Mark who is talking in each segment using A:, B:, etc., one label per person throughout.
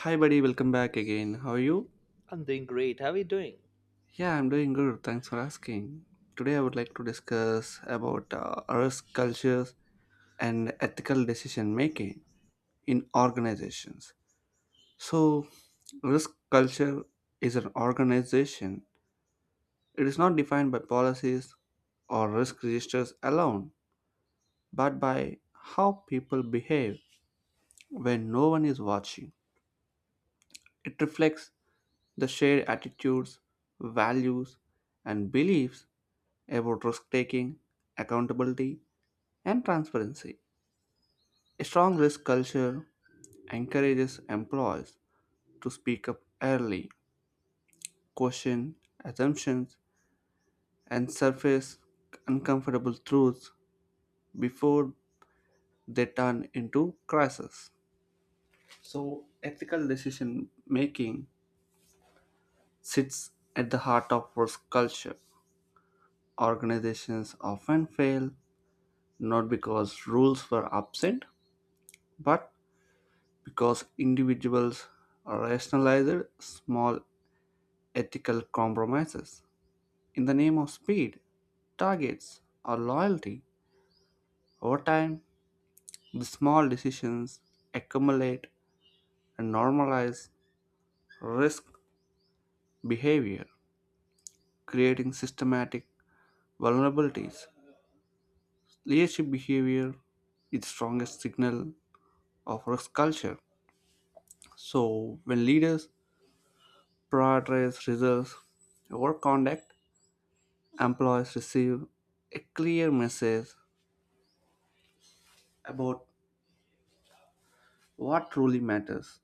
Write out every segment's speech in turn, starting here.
A: Hi, buddy, welcome back again. How are you?
B: I'm doing great. How are you doing?
A: Yeah, I'm doing good. Thanks for asking. Today, I would like to discuss about risk cultures and ethical decision making in organizations. So, risk culture is an organization, it is not defined by policies or risk registers alone, but by how people behave when no one is watching. It reflects the shared attitudes, values, and beliefs about risk taking, accountability, and transparency. A strong risk culture encourages employees to speak up early, question assumptions, and surface uncomfortable truths before they turn into crises. So, ethical decision making sits at the heart of risk culture. Organizations often fail not because rules were absent, but because individuals rationalized small ethical compromises in the name of speed, targets, or loyalty. Over time, the small decisions accumulate and normalize risk behavior, creating systematic vulnerabilities. Leadership behavior is the strongest signal of risk culture. So, when leaders prioritize results over conduct, employees receive a clear message about what truly matters.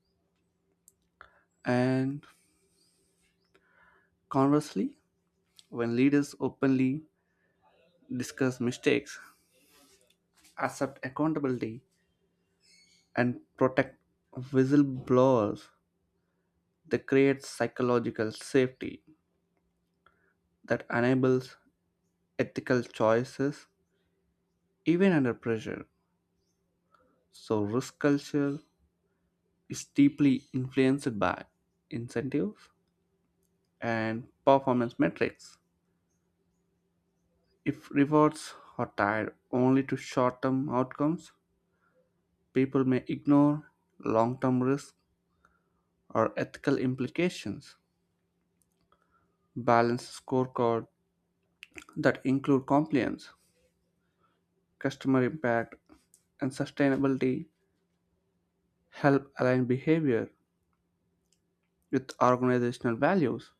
A: And conversely, when leaders openly discuss mistakes, accept accountability, and protect whistleblowers, they create psychological safety that enables ethical choices even under pressure. So, risk culture is deeply influenced by incentives and performance metrics. If rewards are tied only to short-term outcomes, people may ignore long-term risks or ethical implications. Balanced scorecards that include compliance, customer impact, and sustainability help align behavior with organizational values.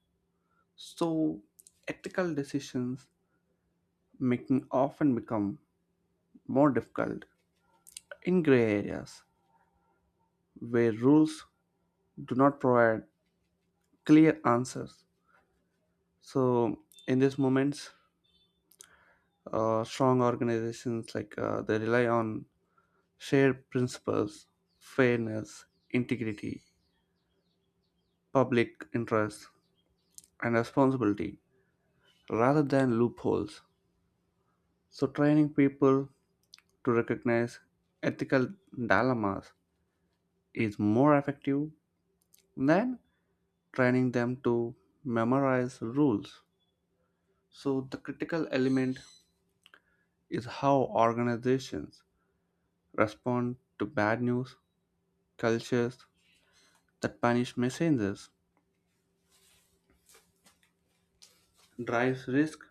A: So, ethical decisions making often become more difficult in gray areas where rules do not provide clear answers. So in these moments, strong organizations they rely on shared principles, fairness, integrity, public interest, and responsibility rather than loopholes. So training people to recognize ethical dilemmas is more effective than training them to memorize rules. So the critical element is how organizations respond to bad news cultures that punish messengers, drives risk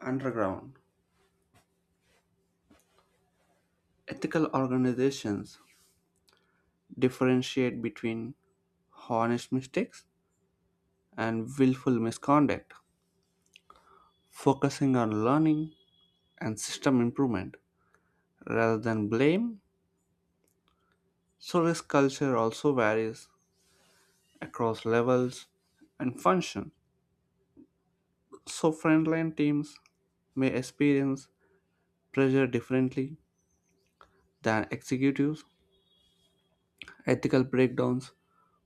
A: underground. Ethical organizations differentiate between honest mistakes and willful misconduct, focusing on learning and system improvement rather than blame. So, risk culture also varies across levels and function. So, frontline teams may experience pressure differently than executives. Ethical breakdowns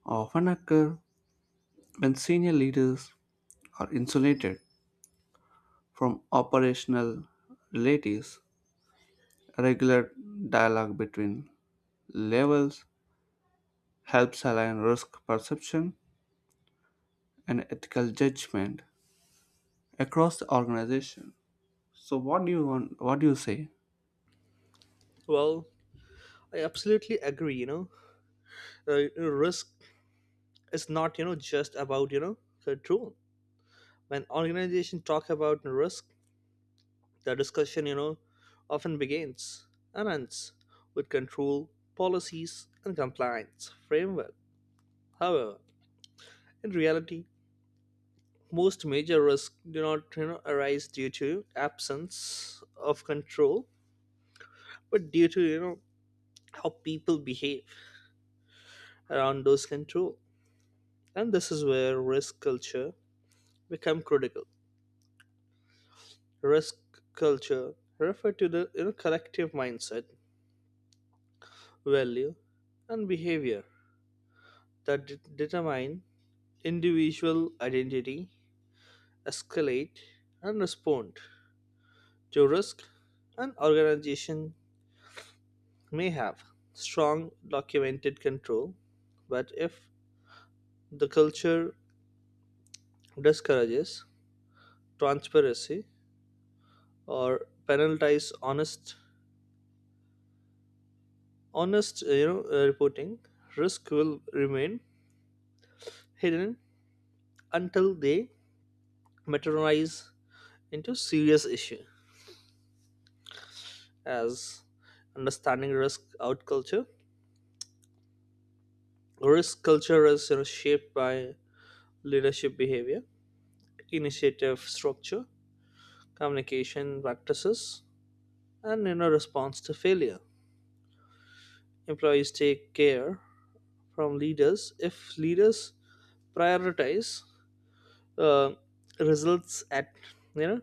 A: often occur when senior leaders are insulated from operational realities. Regular dialogue between levels helps align risk perception and ethical judgment across the organization. So, what do you want? What do you say?
B: Well, I absolutely agree. Risk is not just about control. When organizations talk about risk, the discussion often begins and ends with control policies and compliance framework. However, in reality, most major risks do not arise due to absence of control, but due to how people behave around those control. And this is where risk culture become critical. Risk culture refer to the collective mindset, value, and behavior that determine individual identity, escalate, and respond to risk. An organization may have strong documented control, but if the culture discourages transparency or penalizes honest reporting, risk will remain hidden until they materialize into serious issue as understanding risk culture is shaped by leadership behavior, initiative structure, communication practices, and response to failure. Employees take care from leaders. If leaders prioritize uh, results at you know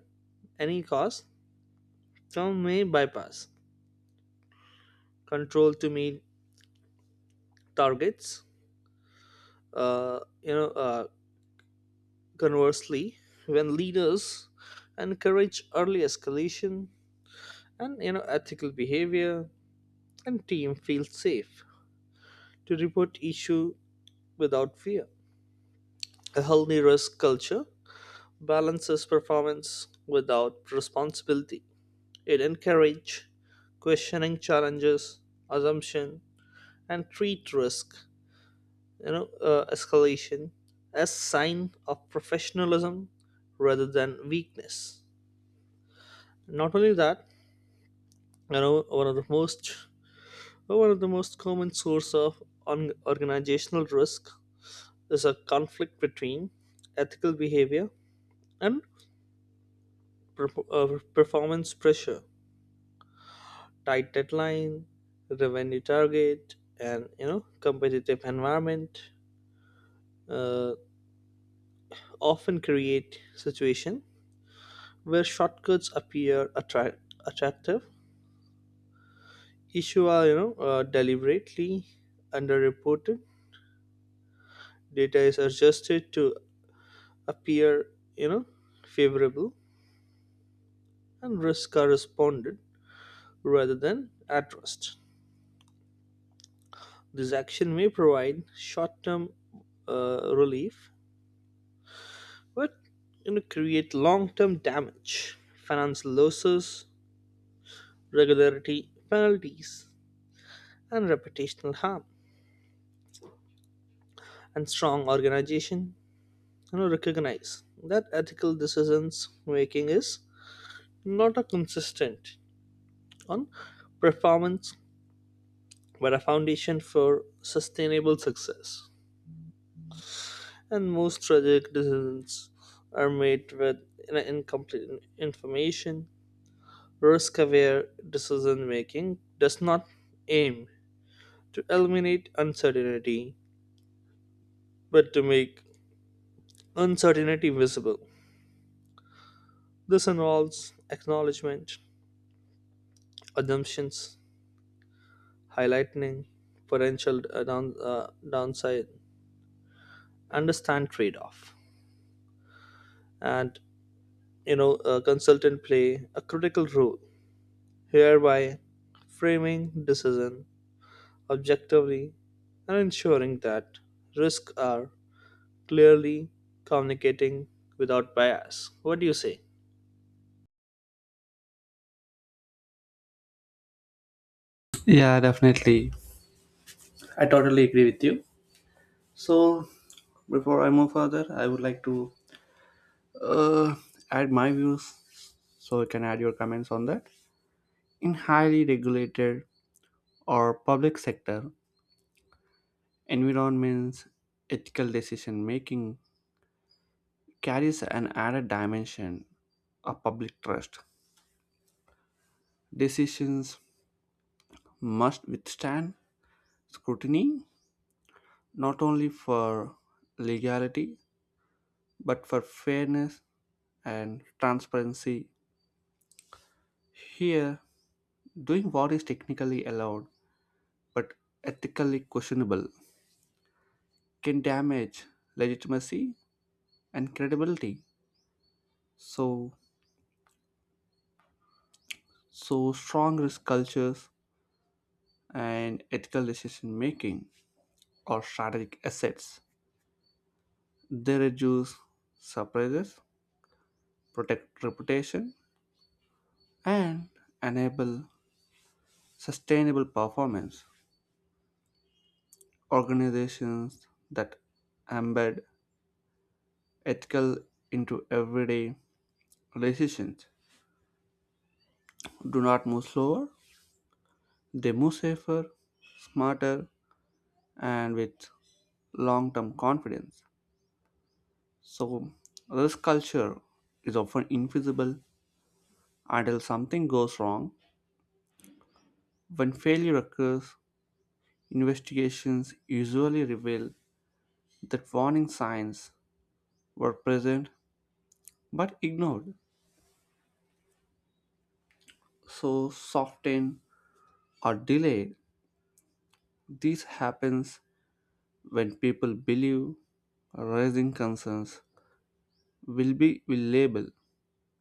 B: any cost, some may bypass control to meet targets. Uh, you know, uh, Conversely, when leaders encourage early escalation and ethical behavior, and team feel safe to report issue without fear. A healthy risk culture balances performance without responsibility. It encourages questioning challenges, assumption, and treat risk escalation as sign of professionalism rather than weakness. Not only that, you know one of the most one of the most common source of on organizational risk is a conflict between ethical behavior and per- uh, performance pressure, tight deadline, revenue target, and competitive environment uh, often create situation where shortcuts appear attractive. Issues are deliberately underreported. Data is adjusted to appear you know favorable, and risks are responded rather than addressed. This action may provide short-term relief, but create long-term damage, financial losses, regularity penalties, and reputational harm. And strong organization recognize that ethical decisions making is not a consistent on performance but a foundation for sustainable success. And most tragic decisions are made with incomplete information. Risk aware decision making does not aim to eliminate uncertainty but to make uncertainty visible. This involves acknowledgement, assumptions, highlighting potential downside, understand trade off, and a consultant play a critical role, hereby framing decision objectively and ensuring that risks are clearly communicating without bias. What do you say?
A: Yeah, definitely. I totally agree with you. So, before I move further, I would like to uh, add my views so you can add your comments on that. In highly regulated or public sector environments, ethical decision making carries an added dimension of public trust. Decisions must withstand scrutiny not only for legality but for fairness and transparency. Here, doing what is technically allowed but ethically questionable can damage legitimacy and credibility. So, So, strong risk cultures and ethical decision making are strategic assets. They reduce surprises, protect reputation, and enable sustainable performance. Organizations that embed ethical into everyday decisions do not move slower, they move safer, smarter, and with long term confidence. So, risk culture is often invisible until something goes wrong. When failure occurs, investigations usually reveal that warning signs were present but ignored, so softened or delayed. This happens when people believe raising concerns will label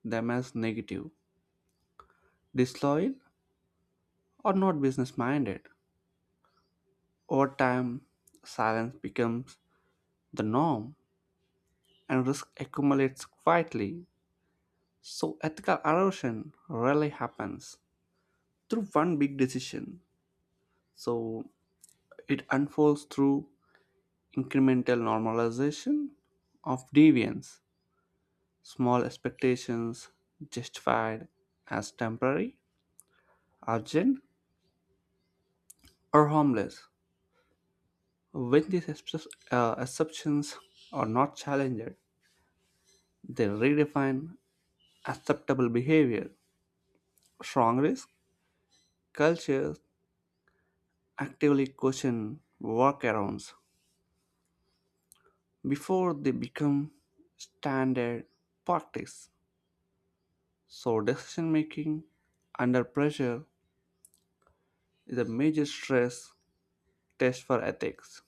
A: them as negative, disloyal, or not business minded. Over time, silence becomes the norm and risk accumulates quietly. So ethical erosion rarely happens through one big decision. So it unfolds through incremental normalization of deviance, small expectations justified as temporary, urgent, or harmless. When these exceptions are not challenged, they redefine acceptable behavior. Strong risk cultures actively question workarounds before they become standard practice. So, decision making under pressure is a major stress test for ethics.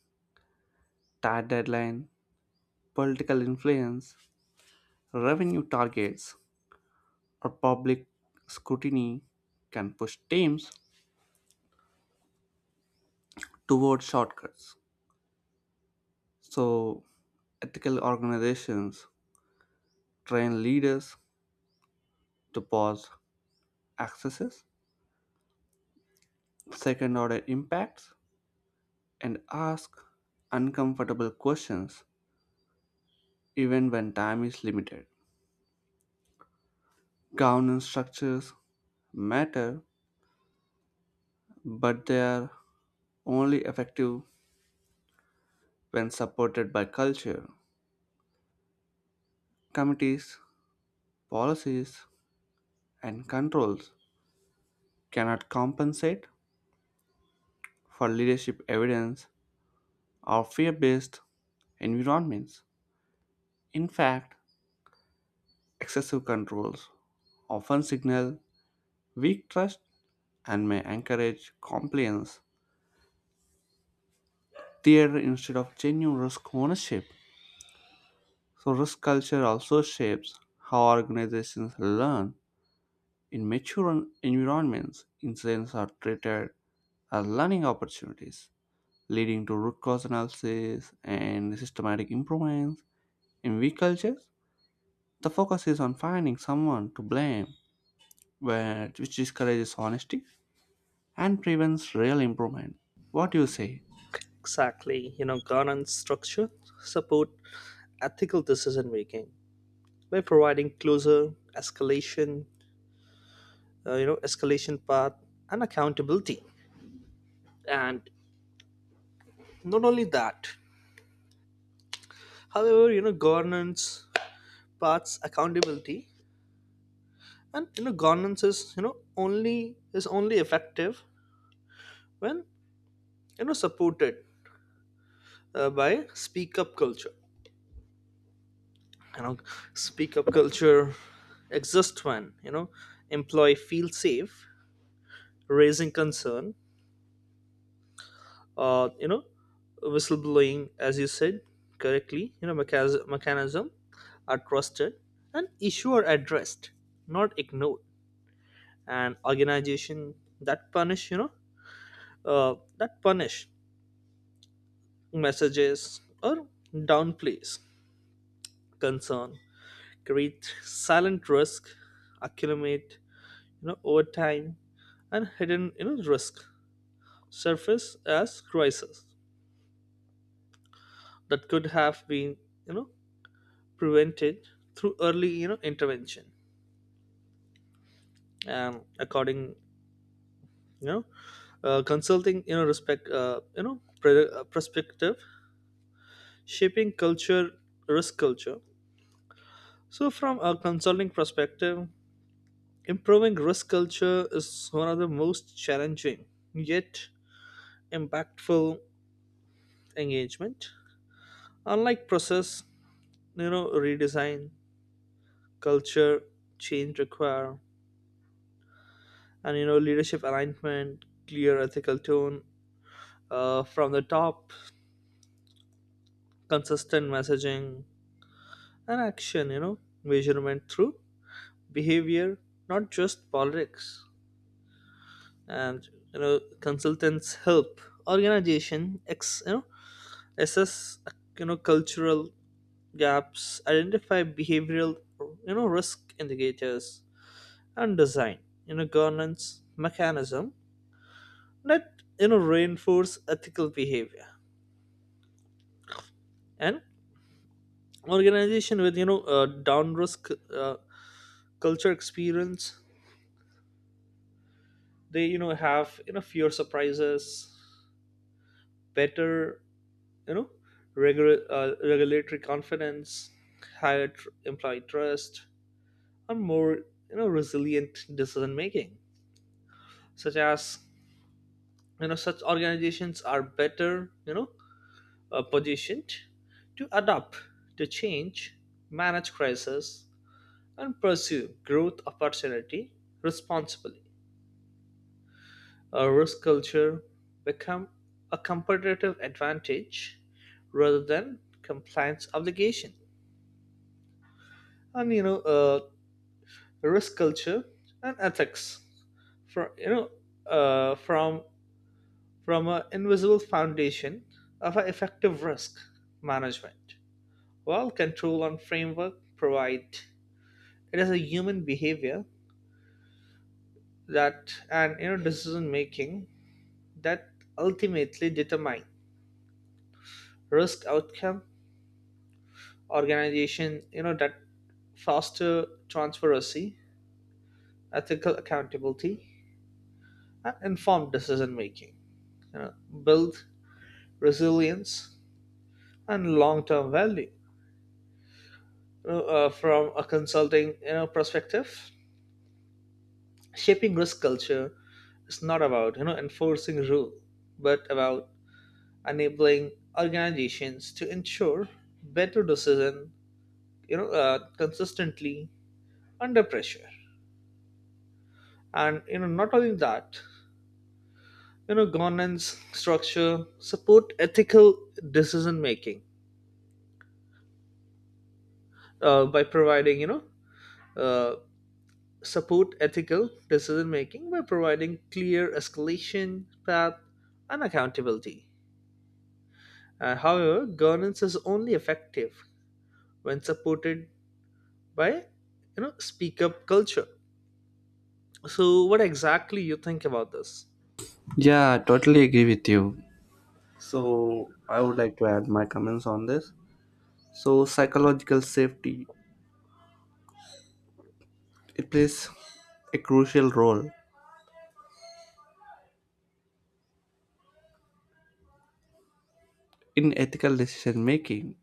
A: Tight deadline, political influence, revenue targets, or public scrutiny can push teams toward shortcuts. So, ethical organizations train leaders to pause excesses, second order impacts, and ask uncomfortable questions even when time is limited. Governance structures matter, but they are only effective when supported by culture. Committees, policies, and controls cannot compensate for leadership evidence or fear based environments. In fact, excessive controls often signal weak trust and may encourage compliance theater instead of genuine risk ownership. So, risk culture also shapes how organizations learn. In mature environments, incidents are treated as learning opportunities, leading to root cause analysis and systematic improvements. In weak cultures, the focus is on finding someone to blame, which discourages honesty and prevents real improvement. What do you say?
B: Exactly. You know, governance structure support ethical decision making by providing closer escalation you know escalation path and accountability. And not only that, however, governance paths accountability, and you know governance is you know only is only effective when supported by speak up culture. You know speak up culture exists when employee feels safe raising concern, uh, you know whistleblowing, as you said correctly, you know, mechanism are trusted and issue are addressed, not ignored. And organization that punish you know that punish messages or downplays concern create silent risk accumulate over time, and hidden risk surface as crisis that could have been you know prevented through early intervention. And according you know consulting, you know, perspective shaping culture, risk culture. So from a consulting perspective, improving risk culture is one of the most challenging yet impactful engagement. Unlike process redesign, culture change require, and leadership alignment, clear ethical tone from the top, consistent messaging and action, measurement through behavior, not just politics. And consultants help organization ex you know assess cultural gaps, identify behavioral risk indicators, and design governance mechanism that reinforce ethical behavior. And organization with down risk uh, culture experience, they have fewer surprises, better you know regular regulatory confidence, higher employee trust, and more resilient decision making. Such as, such organizations are better, positioned to adapt to change, manage crisis, and pursue growth opportunity responsibly. A risk culture become a competitive advantage rather than compliance obligation. And you know, uh, Risk culture and ethics from uh, from from an invisible foundation of an effective risk management. While control and framework provide, it is a human behavior that and decision making that ultimately determine risk outcome. Organization that foster transparency, ethical accountability, and informed decision making, you know, build resilience and long-term value. From a consulting perspective, shaping risk culture is not about enforcing rule, but about enabling organizations to ensure better decision consistently under pressure. And not only that, governance structure support ethical decision making by providing you know uh, support ethical decision making by providing clear escalation path and accountability. However, governance is only effective when supported by speak up culture. So what exactly you think about this?
A: Yeah, I totally agree with you. So I would like to add my comments on this. So psychological safety, it plays a crucial role in ethical decision making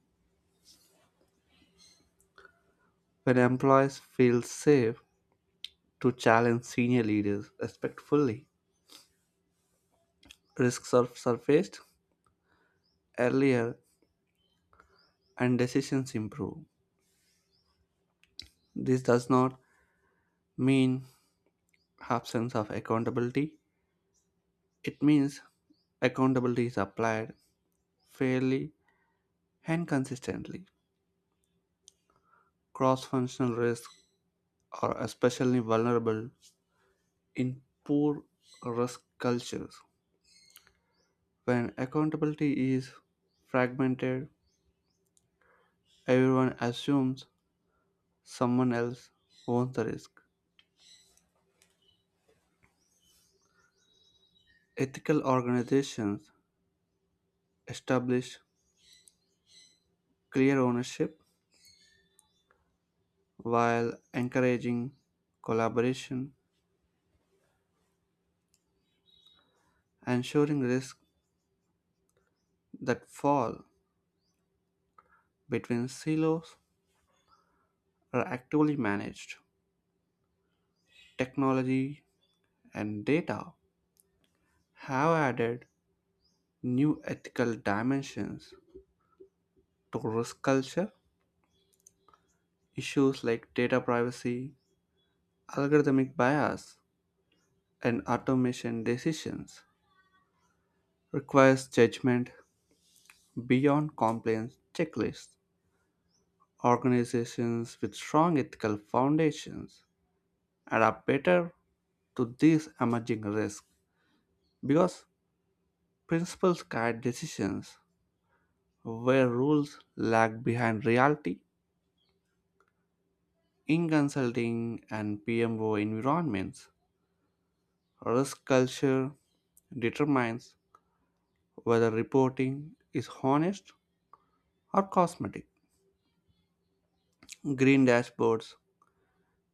A: when employees feel safe to challenge senior leaders respectfully. Risks are surfaced earlier and decisions improve. This does not mean absence of accountability. It means accountability is applied fairly and consistently. Cross functional risk are especially vulnerable in poor risk cultures. When accountability is fragmented, everyone assumes someone else owns the risk. Ethical organizations establish clear ownership while encouraging collaboration, ensuring risks that fall between silos are actively managed. Technology and data have added new ethical dimensions to risk culture. Issues like data privacy, algorithmic bias, and automation decisions requires judgment beyond compliance checklists. Organizations with strong ethical foundations adapt better to these emerging risks because principles guide decisions where rules lag behind reality in consulting and PMO environments. Risk culture determines whether reporting is honest or cosmetic. Green dashboards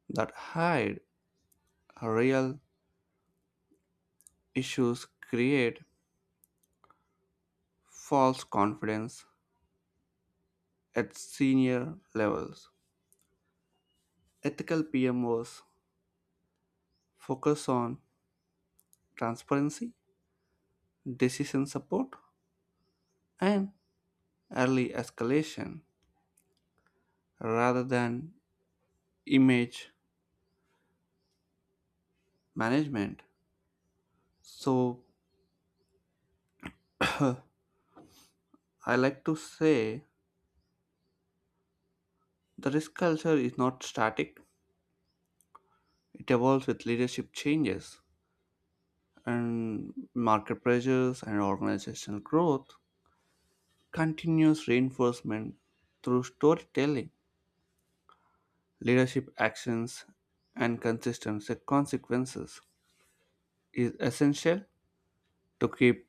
A: that hide real issues create false confidence at senior levels. Ethical PMOs focus on transparency, decision support, and early escalation rather than image management. So, I like to say the risk culture is not static, it evolves with leadership changes and market pressures and organizational growth. Continuous reinforcement through storytelling, leadership actions, and consistent consequences is essential to keep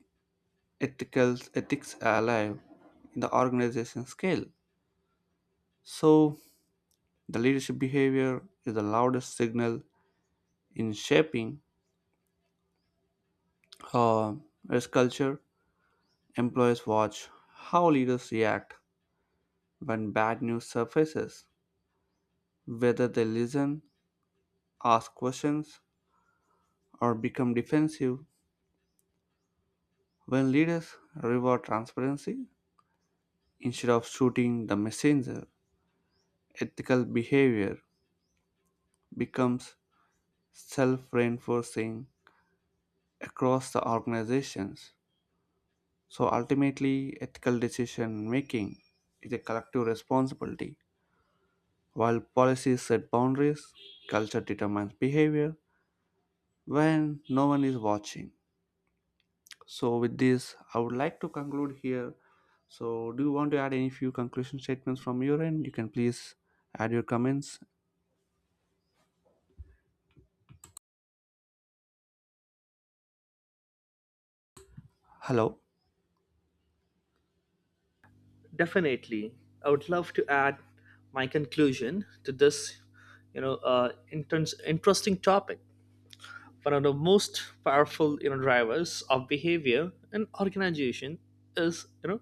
A: ethical ethics alive in the organization scale. So, the leadership behavior is the loudest signal in shaping uh, risk culture. Employers watch how leaders react when bad news surfaces, whether they listen, ask questions, or become defensive. When leaders reward transparency instead of shooting the messenger, ethical behavior becomes self reinforcing across the organizations. So ultimately, ethical decision making is a collective responsibility. While policies set boundaries, culture determines behavior, when no one is watching. So, with this, I would like to conclude here. So, do you want to add any few conclusion statements from your end? You can please add your comments. Hello.
B: Definitely, I would love to add my conclusion to this you know, interesting topic. One of the most powerful drivers of behavior in organization is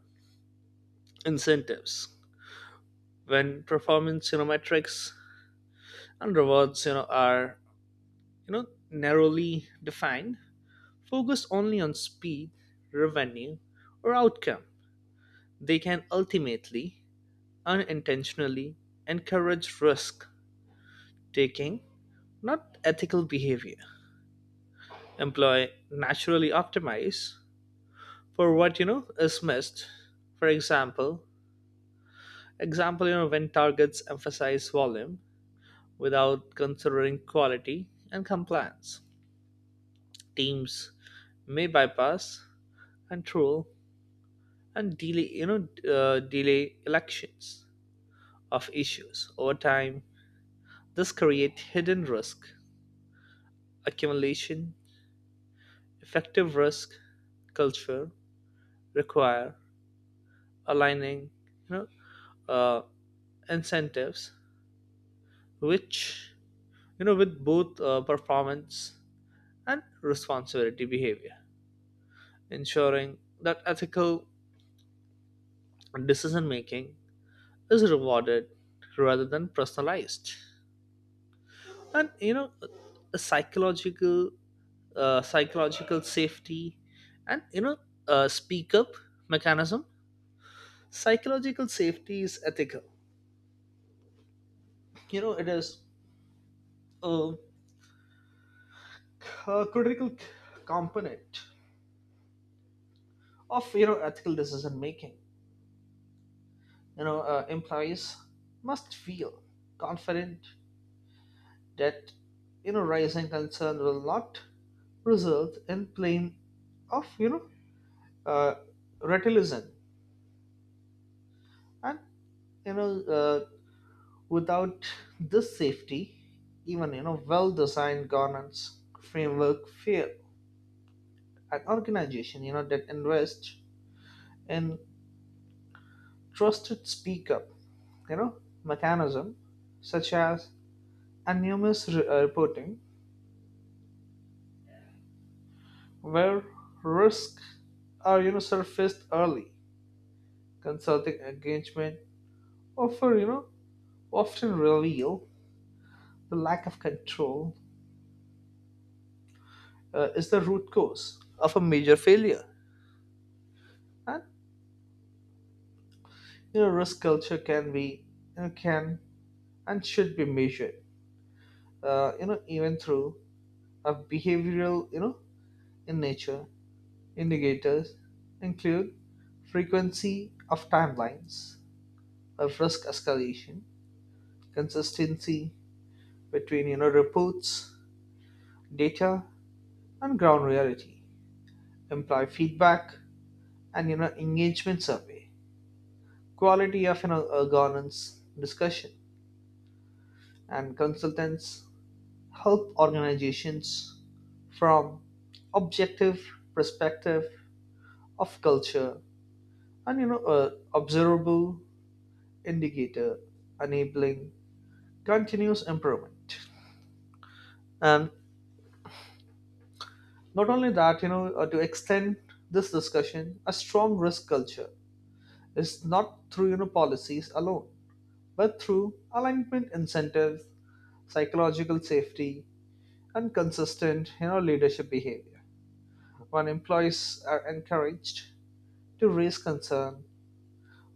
B: incentives. When performance metrics and rewards you know, are you know narrowly defined, focused only on speed, revenue, or outcome, they can ultimately unintentionally encourage risk taking, not ethical behavior. Employee naturally optimize for what is missed. For example, when targets emphasize volume without considering quality and compliance, teams may bypass, control, and delay, delay elections of issues over time. This creates hidden risk accumulation. Effective risk culture require aligning, you know, uh, incentives, which with both performance and responsibility behavior, ensuring that ethical decision making is rewarded rather than personalized. And you know, a psychological, psychological safety, and speak up mechanism. Psychological safety is ethical. You know, it is a, a critical component of ethical decision making. Employees must feel confident that rising concern will not result in plain of uh, retilism. And you know Without this safety, even well designed governance framework fail. An organization that invests in trusted speak up you know mechanism, such as anonymous reporting, where risks are surfaced early. Consulting engagement often, you know, often reveal the lack of control is the root cause of a major failure. And risk culture can and should be measured. Even through a behavioral, in nature, indicators include frequency of timelines of risk escalation, consistency between reports, data, and ground reality, employee feedback, and engagement survey. Quality of governance discussion. And consultants help organizations from objective perspective of culture and observable indicator, enabling continuous improvement. And not only that, to extend this discussion, a strong risk culture is not through policies alone but through alignment incentives, psychological safety, and consistent leadership behavior. When employees are encouraged to raise concern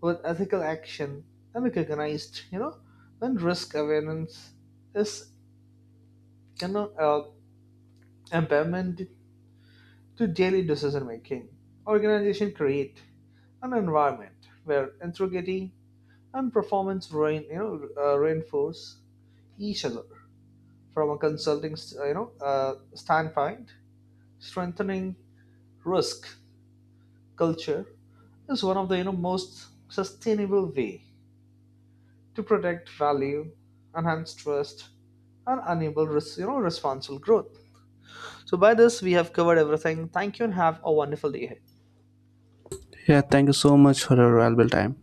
B: with ethical action and recognized, you know, when risk awareness is you know uh, empowerment to daily decision making, organization create an environment where integrity and performance reinforce each other. From a consulting standpoint, strengthening risk culture is one of the most sustainable way to protect value, enhance trust, and enable responsible growth. So by this we have covered everything. Thank you and have a wonderful day ahead.
A: Yeah, thank you so much for your valuable time.